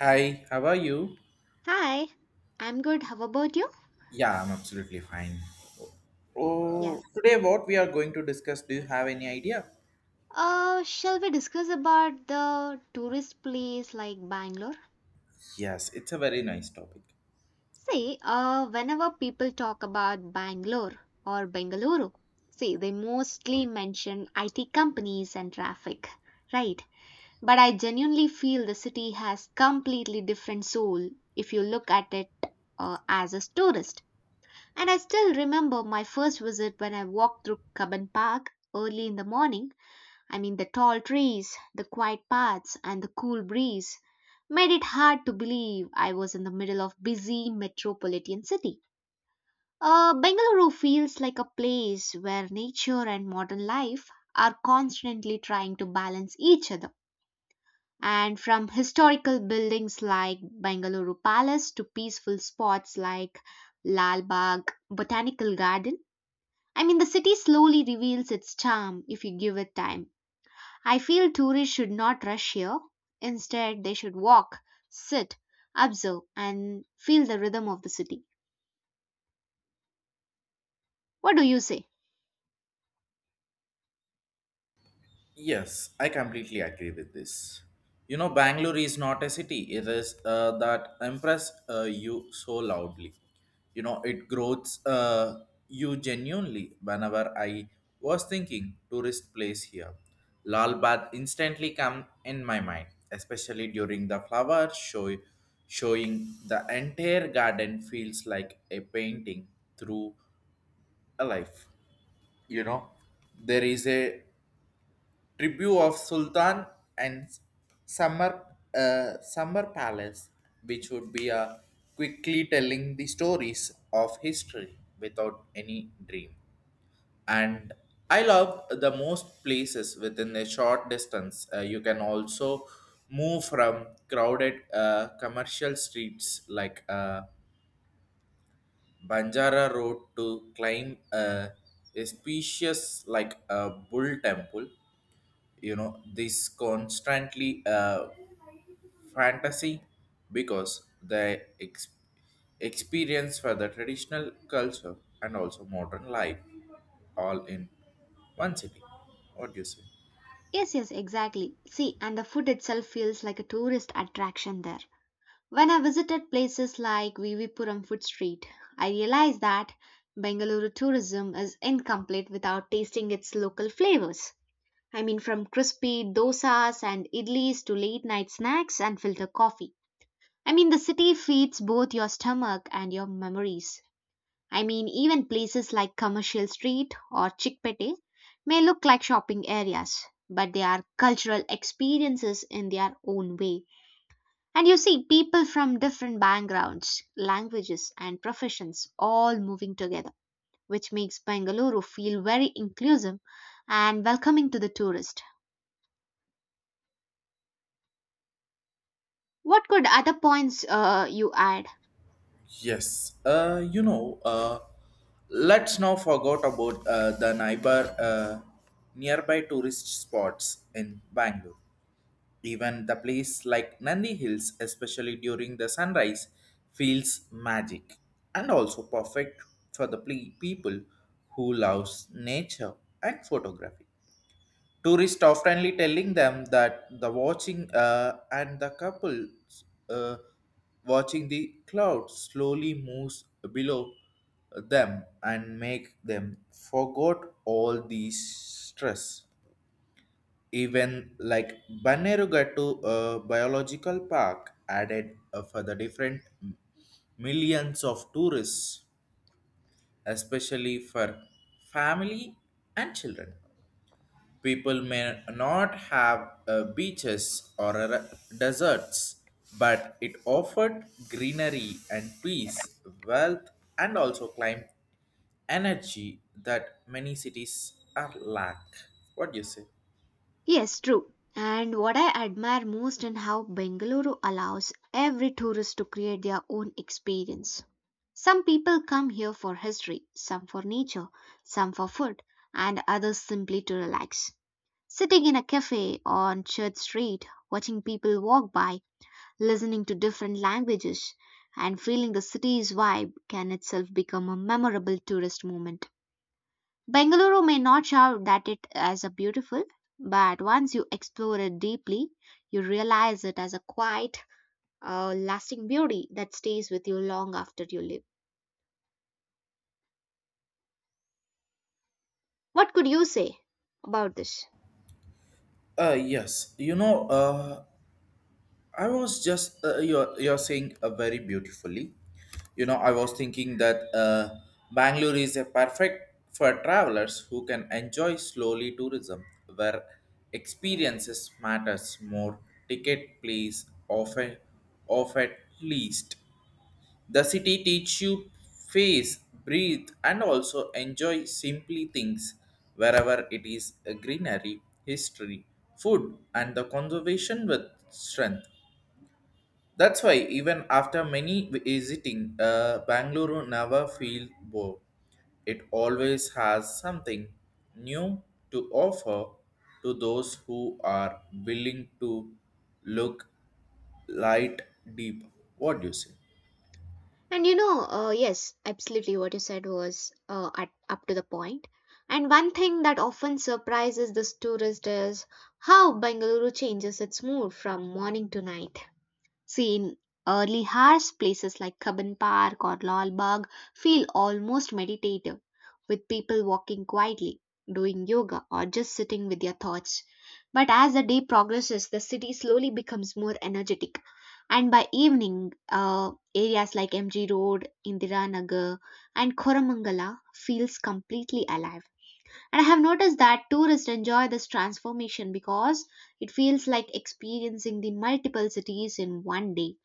Hi, how are you? Hi, I'm good. How about you? Yeah, I'm absolutely fine. Yeah. Oh, today what we are going to discuss, do you have any idea? Shall we discuss about the tourist place like Bangalore? Yes, it's a very nice topic. See, whenever people talk about Bangalore or Bengaluru, see, they mostly mention IT companies and traffic, right? But I genuinely feel the city has completely different soul if you look at it as a tourist. And I still remember my first visit when I walked through Cubbon Park early in the morning. I mean, the tall trees, the quiet paths, and the cool breeze made it hard to believe I was in the middle of busy metropolitan city. Bengaluru feels like a place where nature and modern life are constantly trying to balance each other. And from historical buildings like Bengaluru Palace to peaceful spots like Lal Bagh Botanical Garden, I mean, the city slowly reveals its charm if you give it time. I feel tourists should not rush here. Instead, they should walk, sit, observe, and feel the rhythm of the city. What do you say? Yes, I completely agree with this. You know, Bangalore is not a city. It is that impressed you so loudly. You know, it grows you genuinely. Whenever I was thinking tourist place here, Lal Bath instantly come in my mind, especially during the flower show, showing the entire garden feels like a painting through a life. You know, there is a tribute of Sultan and Summer Summer Palace, which would be a quickly telling the stories of history without any dream. And I love the most places within a short distance. You can also move from crowded commercial streets like Banjara Road to climb a spacious like a bull temple. You know this constantly fantasy, because the experience for the traditional culture and also modern life, all in one city. What do you say? Yes, yes, exactly. See, and the food itself feels like a tourist attraction there. When I visited places like Vivipuram Food Street, I realized that Bengaluru tourism is incomplete without tasting its local flavors. I mean, from crispy dosas and idlis to late night snacks and filter coffee. I mean, the city feeds both your stomach and your memories. I mean, even places like Commercial Street or Chickpete may look like shopping areas, but they are cultural experiences in their own way. And you see people from different backgrounds, languages, and professions all moving together, which makes Bengaluru feel very inclusive and welcoming to the tourist. What could other points you add? Yes, you know, let's now forget about the neighbor nearby tourist spots in Bangalore. Even the place like Nandi Hills, especially during the sunrise, feels magic and also perfect for the people who loves nature and photography. Tourists oftenly telling them that the watching and the couples watching the clouds slowly moves below them and make them forget all these stress, even like Bannerugatu Biological Park added for the different millions of tourists, especially for family and children. People may not have beaches or deserts, but it offered greenery and peace, wealth, and also climb energy that many cities are lack. What do you say? Yes, true. And what I admire most in how Bengaluru allows every tourist to create their own experience. Some people come here for history, some for nature, some for food, and others simply to relax. Sitting in a cafe on Church Street, watching people walk by, listening to different languages, and feeling the city's vibe can itself become a memorable tourist moment. Bengaluru may not shout that it as a beautiful, but once you explore it deeply, you realize it as a quiet, lasting beauty that stays with you long after you leave. What could you say about this? Yes, you know, I was just you're saying very beautifully. You know, I was thinking that Bangalore is a perfect for travelers who can enjoy slowly tourism, where experiences matters more. Ticket please offer of at least the city teach you face, breathe, and also enjoy simply things, wherever it is a greenery, history, food, and the conservation with strength. That's why even after many visiting, Bangalore never feel bored. It always has something new to offer to those who are willing to look light deep. What do you say? And you know, yes, absolutely what you said was at, up to the point. And one thing that often surprises this tourist is how Bengaluru changes its mood from morning to night. See, in early hours, places like Cubbon Park or Lalbagh feel almost meditative, with people walking quietly, doing yoga, or just sitting with their thoughts. But as the day progresses, the city slowly becomes more energetic. And by evening, areas like MG Road, Indiranagar, and Koramangala feels completely alive. And I have noticed that tourists enjoy this transformation because it feels like experiencing the multiple cities in one day.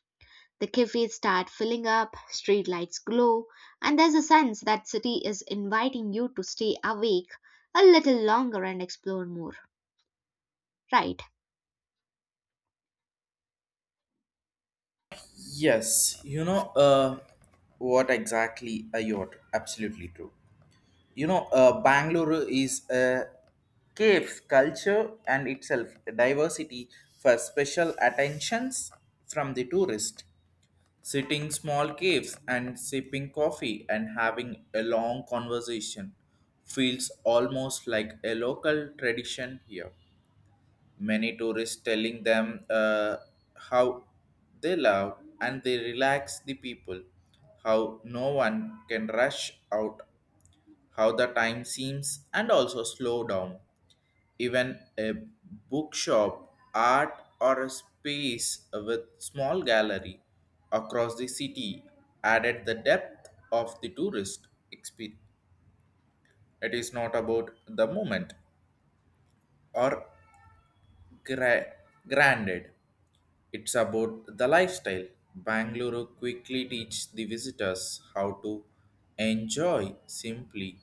The cafes start filling up, streetlights glow, and there's a sense that city is inviting you to stay awake a little longer and explore more, right? Yes, you know what exactly you're absolutely true. You know, Bangalore is a caves culture and itself diversity for special attentions from the tourist, sitting small caves and sipping coffee and having a long conversation feels almost like a local tradition here. Many tourists telling them how they love and they relax the people, how no one can rush out, how the time seems and also slow down. Even a bookshop, art, or a space with small gallery across the city added the depth of the tourist experience. It is not about the moment or gra- granted. It's about the lifestyle. Bangalore quickly teach the visitors how to enjoy simply,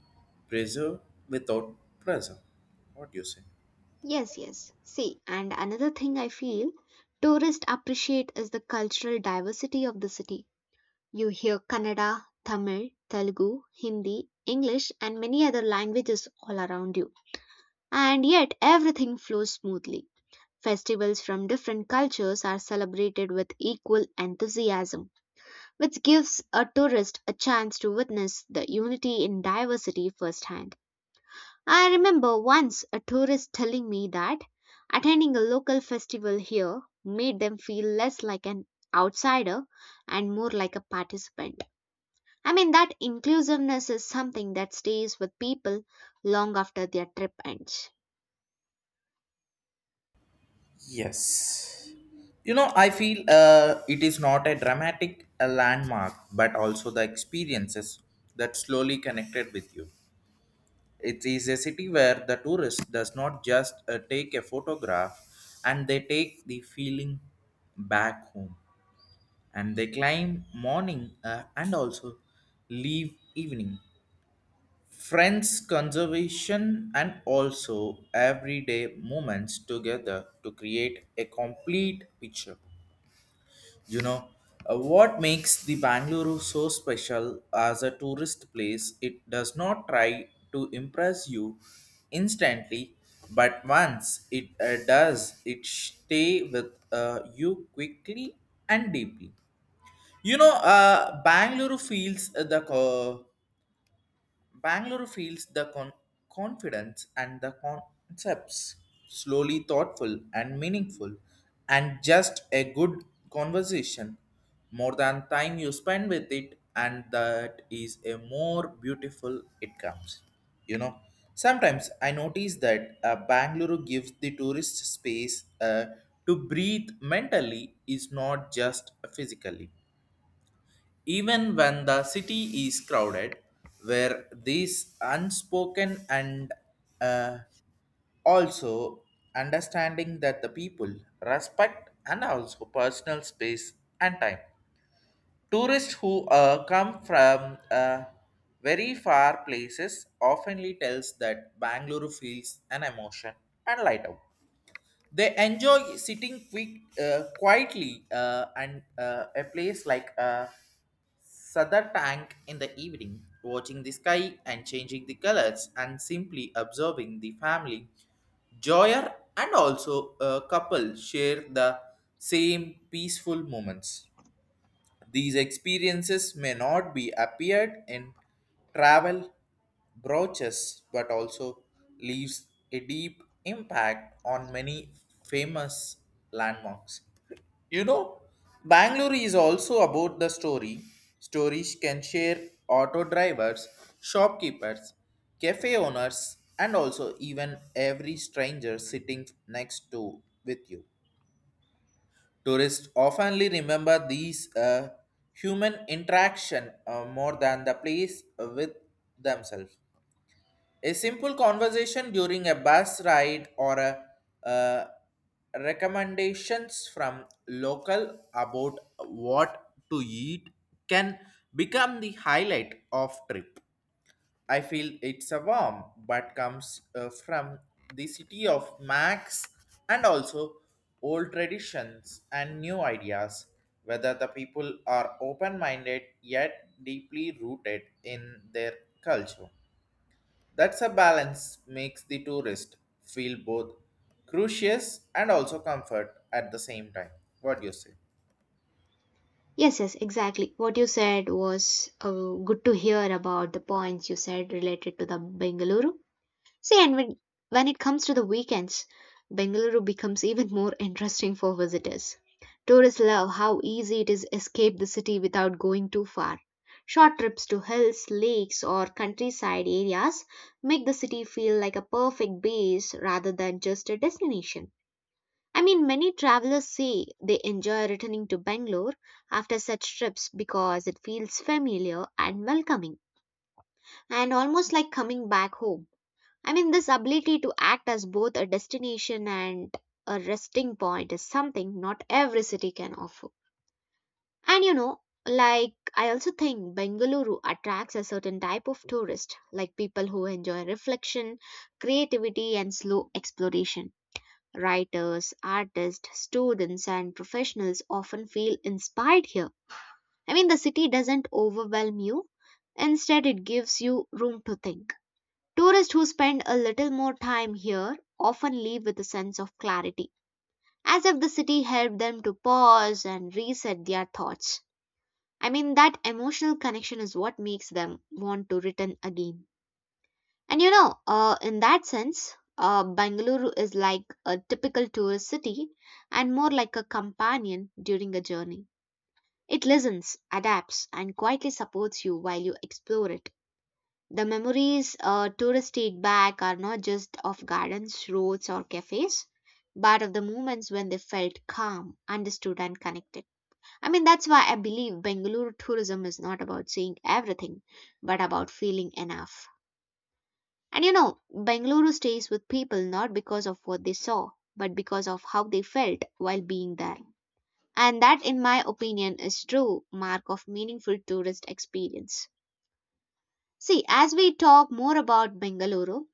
preserve without pressure. What do you say? Yes, yes. See, and another thing I feel tourists appreciate is the cultural diversity of the city. You hear Kannada, Tamil, Telugu, Hindi, English, and many other languages all around you. And yet, everything flows smoothly. Festivals from different cultures are celebrated with equal enthusiasm which gives a tourist a chance to witness the unity in diversity firsthand. I remember once a tourist telling me that attending a local festival here made them feel less like an outsider and more like a participant. I mean, that inclusiveness is something that stays with people long after their trip ends. Yes. You know, I feel it is not a dramatic landmark, but also the experiences that slowly connected with you. It is a city where the tourist does not just take a photograph and they take the feeling back home, and they climb morning and also leave evening. Friends, conservation, and also everyday moments together to create a complete picture. You know, what makes the Bangalore so special as a tourist place? It does not try to impress you instantly, but once it does, it stay with you quickly and deeply. You know, Bangalore feels the con- confidence and the concepts slowly thoughtful and meaningful, and just a good conversation, more than time you spend with it, and that is a more beautiful it comes. You know, sometimes I notice that Bangalore gives the tourist space to breathe mentally, is not just physically. Even when the city is crowded, where these unspoken and uh, also understanding that the people respect and also personal space and time. Tourists who come from very far places oftenly tells that Bangalore feels an emotion and light up. They enjoy sitting quietly, and a place like Sada tank in the evening, watching the sky and changing the colors and simply observing the family. Joyer and also a couple share the same peaceful moments. These experiences may not be appeared in travel brochures, but also leaves a deep impact on many famous landmarks. You know, Bangalore is also about the story. Stories can share auto drivers, shopkeepers, cafe owners, and also even every stranger sitting next to with you. Tourists oftenly remember these human interaction more than the place with themselves. A simple conversation during a bus ride or a, uh, recommendations from local about what to eat can become the highlight of trip. I feel it's a warm but comes from the city of Max and also old traditions and new ideas. Whether the people are open minded yet deeply rooted in their culture. That's a balance makes the tourist feel both curious and also comfort at the same time. What do you say? Yes, yes, exactly. What you said was good to hear about the points you said related to the Bengaluru. See, and when it comes to the weekends, Bengaluru becomes even more interesting for visitors. Tourists love how easy it is to escape the city without going too far. Short trips to hills, lakes, or countryside areas make the city feel like a perfect base rather than just a destination. I mean, many travelers say they enjoy returning to Bangalore after such trips because it feels familiar and welcoming, and almost like coming back home. I mean, this ability to act as both a destination and a resting point is something not every city can offer. And you know, like I also think Bengaluru attracts a certain type of tourist, like people who enjoy reflection, creativity, and slow exploration. Writers, artists, students, and professionals often feel inspired here. I mean, the city doesn't overwhelm you, instead, it gives you room to think. Tourists who spend a little more time here often leave with a sense of clarity, as if the city helped them to pause and reset their thoughts. I mean, that emotional connection is what makes them want to return again. And you know, in that sense, Bangalore is like a typical tourist city and more like a companion during a journey. It listens, adapts, and quietly supports you while you explore it. The memories tourists take back are not just of gardens, roads, or cafes, but of the moments when they felt calm, understood, and connected. I mean, that's why I believe Bangalore tourism is not about seeing everything, but about feeling enough. And you know, Bangalore stays with people not because of what they saw, but because of how they felt while being there. And that, in my opinion, is true mark of meaningful tourist experience. See, as we talk more about Bengaluru,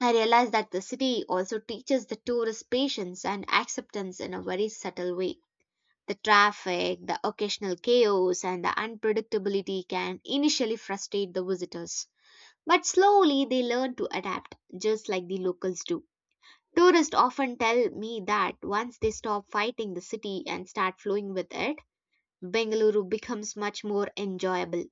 I realized that the city also teaches the tourist patience and acceptance in a very subtle way. The traffic, the occasional chaos, and the unpredictability can initially frustrate the visitors. But slowly they learn to adapt, just like the locals do. Tourists often tell me that once they stop fighting the city and start flowing with it, Bengaluru becomes much more enjoyable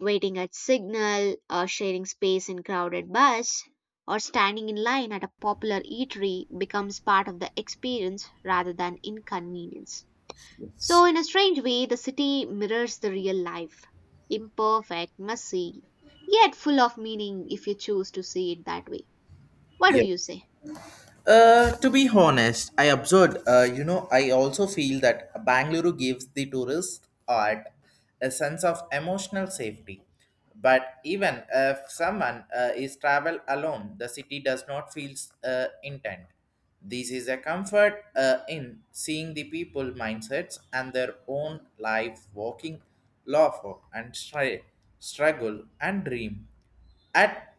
waiting at signal, or sharing space in crowded bus, or standing in line at a popular eatery becomes part of the experience rather than inconvenience. So, in a strange way, the city mirrors the real life imperfect, messy, yet full of meaning if you choose to see it that way. What do Yep. you say? To be honest, I observed, you know, I also feel that Bangalore gives the tourist art a sense of emotional safety. But even if someone is travel alone, the city does not feel intent. This is a comfort in seeing the people mindsets and their own life walking lawful and struggle and dream at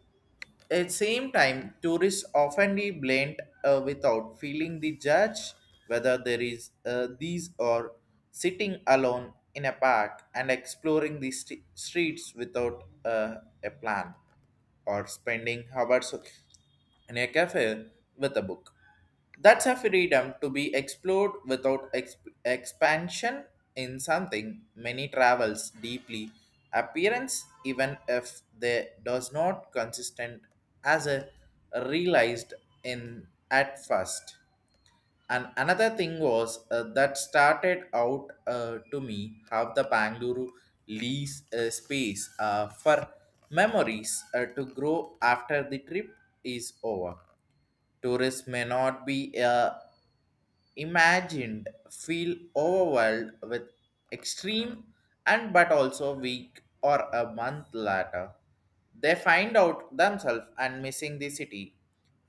same time, tourists often blend without feeling the judge, whether there is these or sitting alone in a park and exploring the streets without a plan, or spending hours in a cafe with a book. That's a freedom to be explored without expansion in something many travels deeply appearance, even if they does not consistent as a realized in at first. And another thing was that started out to me how the Bangalore leaves space for memories to grow after the trip is over. Tourists may not be imagined feel overwhelmed with extreme and but also week or a month later. They find out themselves and missing the city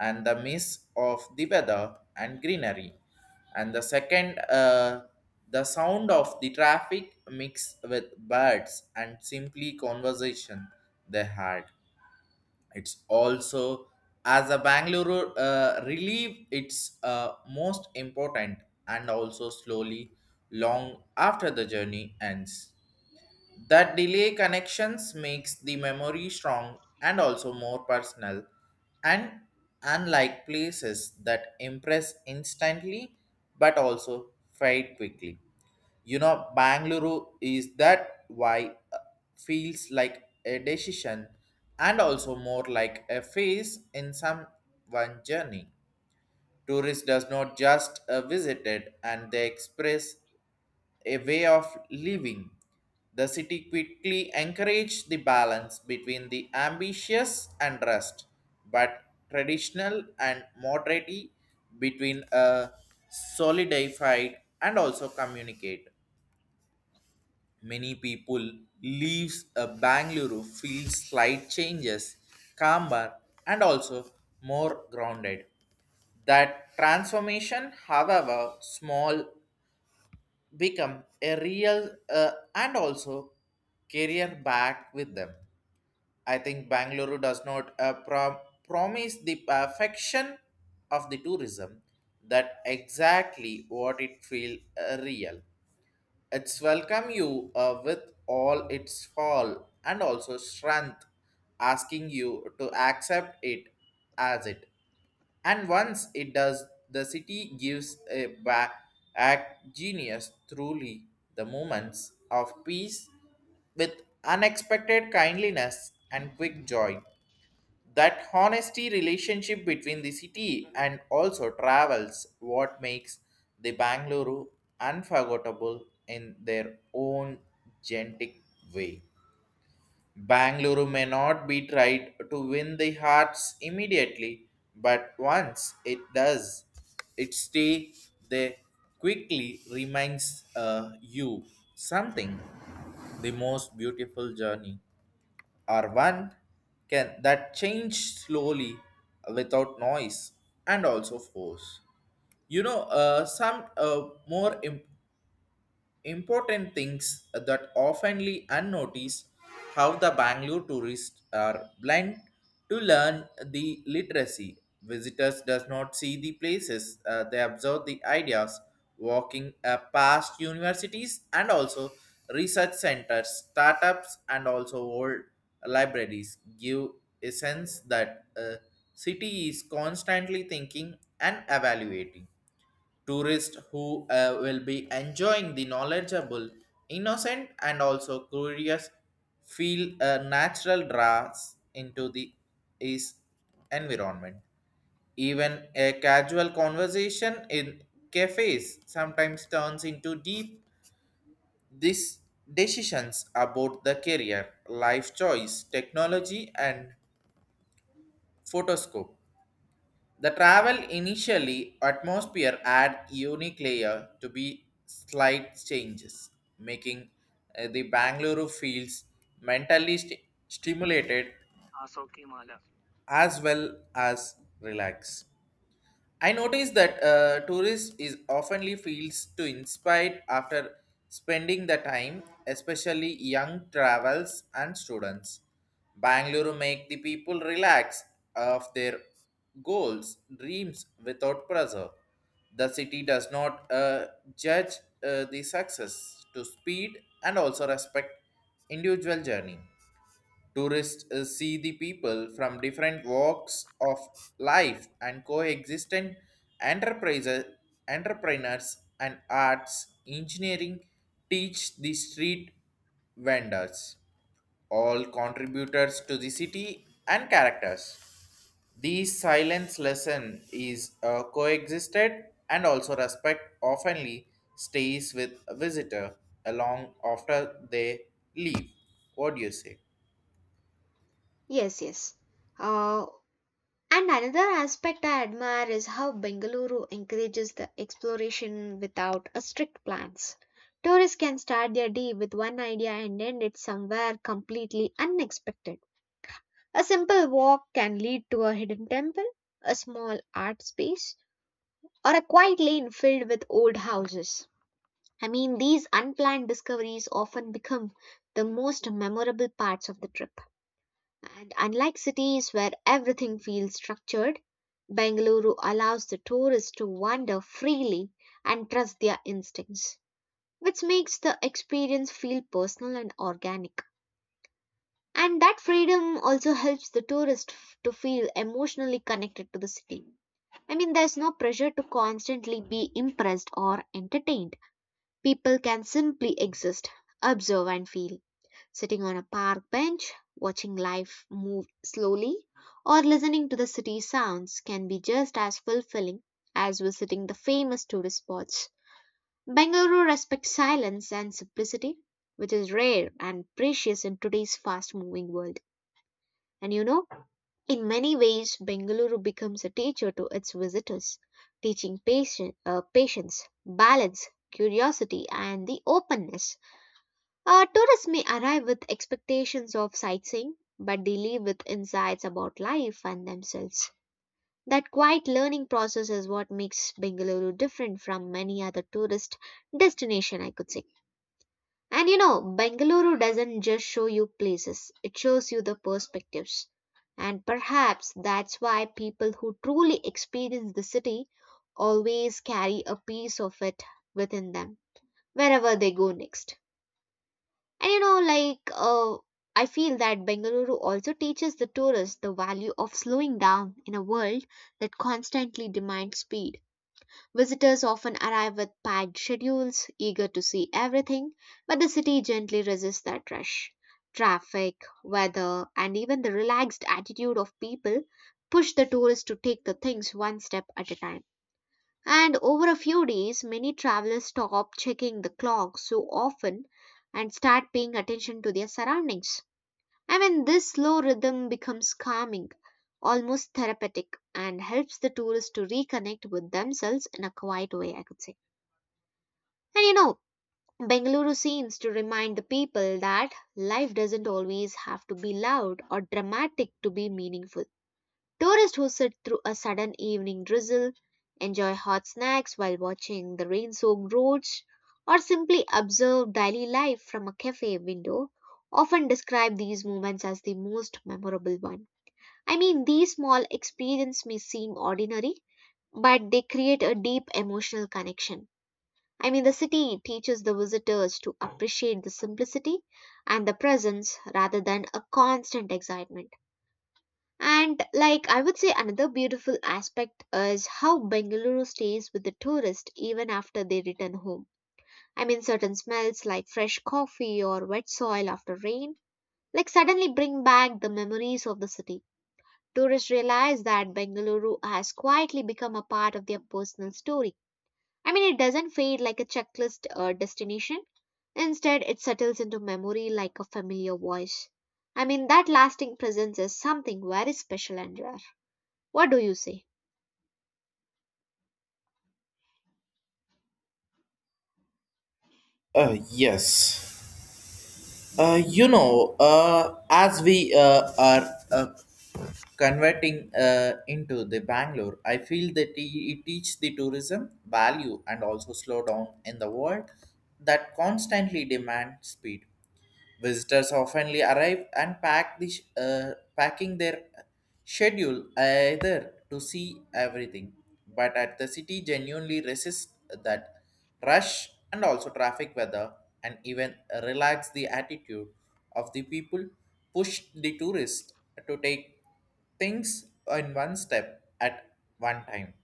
and the miss of the weather and greenery. And the second, the sound of the traffic mixed with birds and simply conversation they had, it's also as a Bangalore relieve it's most important and also slowly long after the journey ends. That delay connections makes the memory strong and also more personal, and unlike places that impress instantly but also fade quickly. You know, Bangalore is that why feels like a decision and also more like a phase in someone journey. Tourist does not just visit it and they express a way of living. The city quickly encouraged the balance between the ambitious and rest, but traditional and moderate, between a solidified and also communicate. Many people leaves a Bangalore feel slight changes, calmer and also more grounded. That transformation, however small, become a real and also career back with them. I think Bangalore does not promise the perfection of the tourism, that exactly what it feel real. It's welcome you with all its fall and also strength, asking you to accept it as it. And once it does, the city gives a back act genius truly the moments of peace with unexpected kindliness and quick joy. That honesty relationship between the city and also travels what makes the Bangalore unforgettable in their own gentic way. Bangalore may not be tried to win the hearts immediately, but once it does, it stay there quickly reminds you something the most beautiful journey are one can that change slowly without noise and also force. You know, some more imp- important things that oftenly unnoticed, how the Bangalore tourists are blind to learn the literacy. Visitors does not see the places, they observe the ideas, walking past universities and also research centers, startups and also old libraries give a sense that a city is constantly thinking and evaluating. Tourists who will be enjoying the knowledgeable, innocent, and also curious feel a natural draws into the is environment. Even a casual conversation in cafes sometimes turns into deep these decisions about the career, life choice, technology, and photoscope. The travel initially atmosphere add unique layer to be slight changes, making the Bangalore feels mentally stimulated as well as relaxed. I noticed that tourist is oftenly feels to inspired after spending the time, especially young travels and students. Bangalore make the people relax of their goals, dreams without pressure. The city does not judge the success to speed and also respect individual journey. Tourists see the people from different walks of life and coexistent enterprises, entrepreneurs and arts, engineering teach the street vendors, all contributors to the city and characters. These silence lesson is coexisted and also respect oftenly stays with a visitor along after they leave. What do you say? Yes, yes. Uh, And another aspect I admire is how Bengaluru encourages the exploration without a strict plans. Tourists can start their day with one idea and end it somewhere completely unexpected. A simple walk can lead to a hidden temple, a small art space, or a quiet lane filled with old houses. I mean, these unplanned discoveries often become the most memorable parts of the trip. And unlike cities where everything feels structured, Bengaluru allows the tourists to wander freely and trust their instincts, which makes the experience feel personal and organic. And that freedom also helps the tourist to feel emotionally connected to the city. I mean, there's no pressure to constantly be impressed or entertained. People can simply exist, observe, and feel sitting on a park bench, watching life move slowly, or listening to the city sounds can be just as fulfilling as visiting the famous tourist spots. Bengaluru respects silence and simplicity, which is rare and precious in today's fast moving world. And you know, in many ways, Bengaluru becomes a teacher to its visitors, teaching patience, balance, curiosity, and the openness tourists may arrive with expectations of sightseeing, but they leave with insights about life and themselves. That quiet learning process is what makes Bengaluru different from many other tourist destination, I could say. And you know, Bengaluru doesn't just show you places, it shows you the perspectives. And perhaps that's why people who truly experience the city always carry a piece of it within them wherever they go next. And you know, I feel that Bengaluru also teaches the tourists the value of slowing down in a world that constantly demands speed. Visitors often arrive with packed schedules, eager to see everything, but the city gently resists that rush. Traffic, weather, and even the relaxed attitude of people push the tourists to take the things one step at a time. And over a few days, many travelers stop checking the clock so often and start paying attention to their surroundings. I mean, this slow rhythm becomes calming, almost therapeutic, and helps the tourists to reconnect with themselves in a quiet way, I could say. And you know, Bengaluru seems to remind the people that life doesn't always have to be loud or dramatic to be meaningful. Tourists who sit through a sudden evening drizzle, enjoy hot snacks while watching the rain soaked roads, or simply observe daily life from a cafe window often describe these moments as the most memorable one. I mean, these small experiences may seem ordinary, but they create a deep emotional connection. I mean, the city teaches the visitors to appreciate the simplicity and the presence rather than a constant excitement. And like I would say another beautiful aspect is how Bengaluru stays with the tourist even after they return home. I mean certain smells like fresh coffee or wet soil after rain like suddenly bring back the memories of the city. Tourists realize that Bengaluru has quietly become a part of their personal story. I mean it doesn't fade like a checklist or destination. Instead it settles into memory like a familiar voice. I mean that lasting presence is something very special and rare. What do you say? Yes. You know, as we are converting into the Bangalore, I feel that it teach the tourism value and also slow down in the world that constantly demand speed. Visitors often arrive and pack the packing their schedule either to see everything, but at the city genuinely resists that rush and also traffic weather and even relax the attitude of the people push the tourists to take things in one step at one time.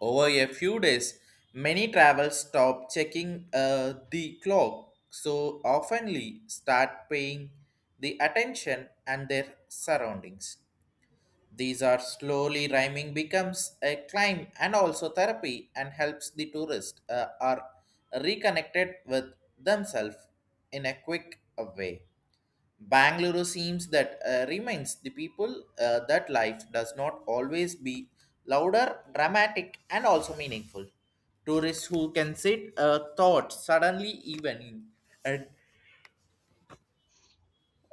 Over a few days, many travelers stop checking the clock so oftenly start paying the attention and their surroundings. These are slowly rhyming becomes a climb and also therapy and helps the tourist are reconnected with themselves in a quick way. Bangalore seems that reminds the people that life does not always be louder, dramatic, and also meaningful. Tourists who can sit thought suddenly even and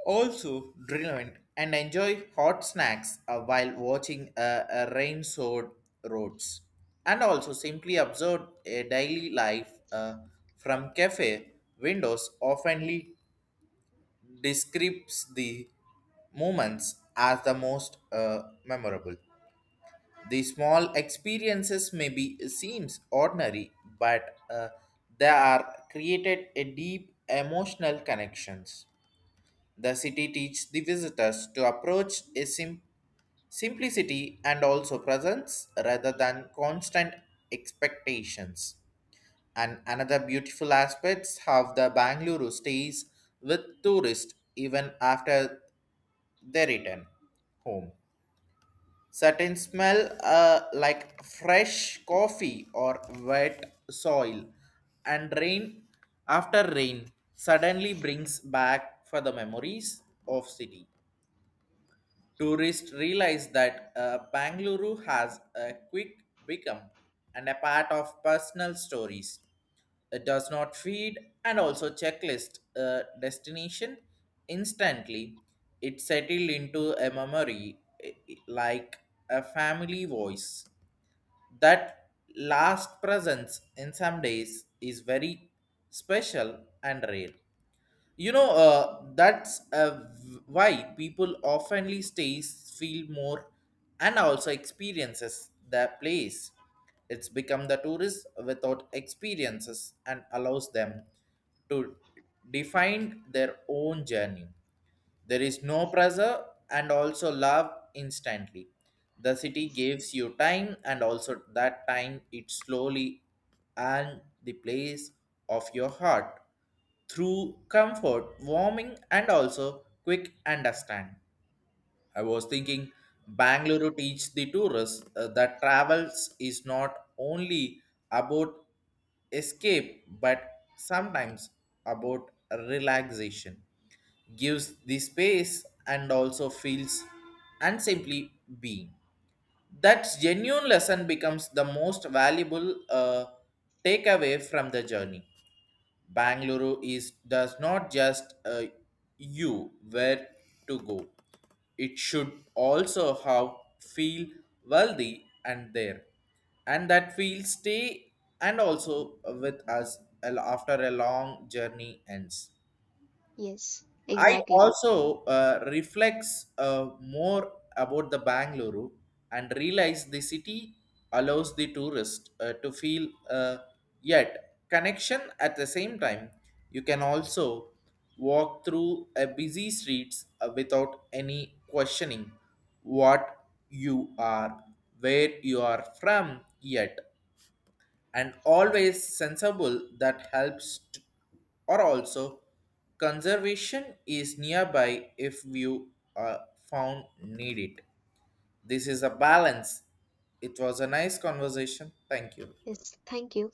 also relevant and enjoy hot snacks while watching a rain soaked roads and also simply observe a daily life from cafe windows oftenly describes the moments as the most memorable. The small experiences may be seems ordinary, but they are created a deep emotional connections. The city teaches the visitors to approach a simplicity and also presence rather than constant expectations. And another beautiful aspects how the Bangalore stays with tourists even after they return home. Certain smell like fresh coffee or wet soil, and rain suddenly brings back for the memories of city. Tourists realize that Bangalore has a quick become and a part of personal stories. It does not feed and also checklist a destination instantly. It settled into a memory like a family voice. That last presence in some days is very special and rare. You know, that's why people oftenly stays feel more and also experiences their place it's become the tourist without experiences and allows them to define their own journey. There is no pressure and also love instantly. The city gives you time and also that time it slowly and the place of your heart through comfort, warming and also quick understand. I was thinking Bangalore teach the tourists that travels is not only about escape but sometimes about relaxation gives the space and also feels and simply being. That genuine lesson becomes the most valuable takeaway from the journey. Bangalore is does not just you where to go. It should also have feel wealthy and there, and that feel stay and also with us after a long journey ends. Yes, I exactly. also reflects more about the Bangalore and realize the city allows the tourist to feel yet connection at the same time. You can also walk through a busy streets without any questioning what you are, where you are from yet and always sensible that helps or also conservation is nearby if you are found need it. This is a balance. It was a nice conversation. Thank you. Yes, thank you.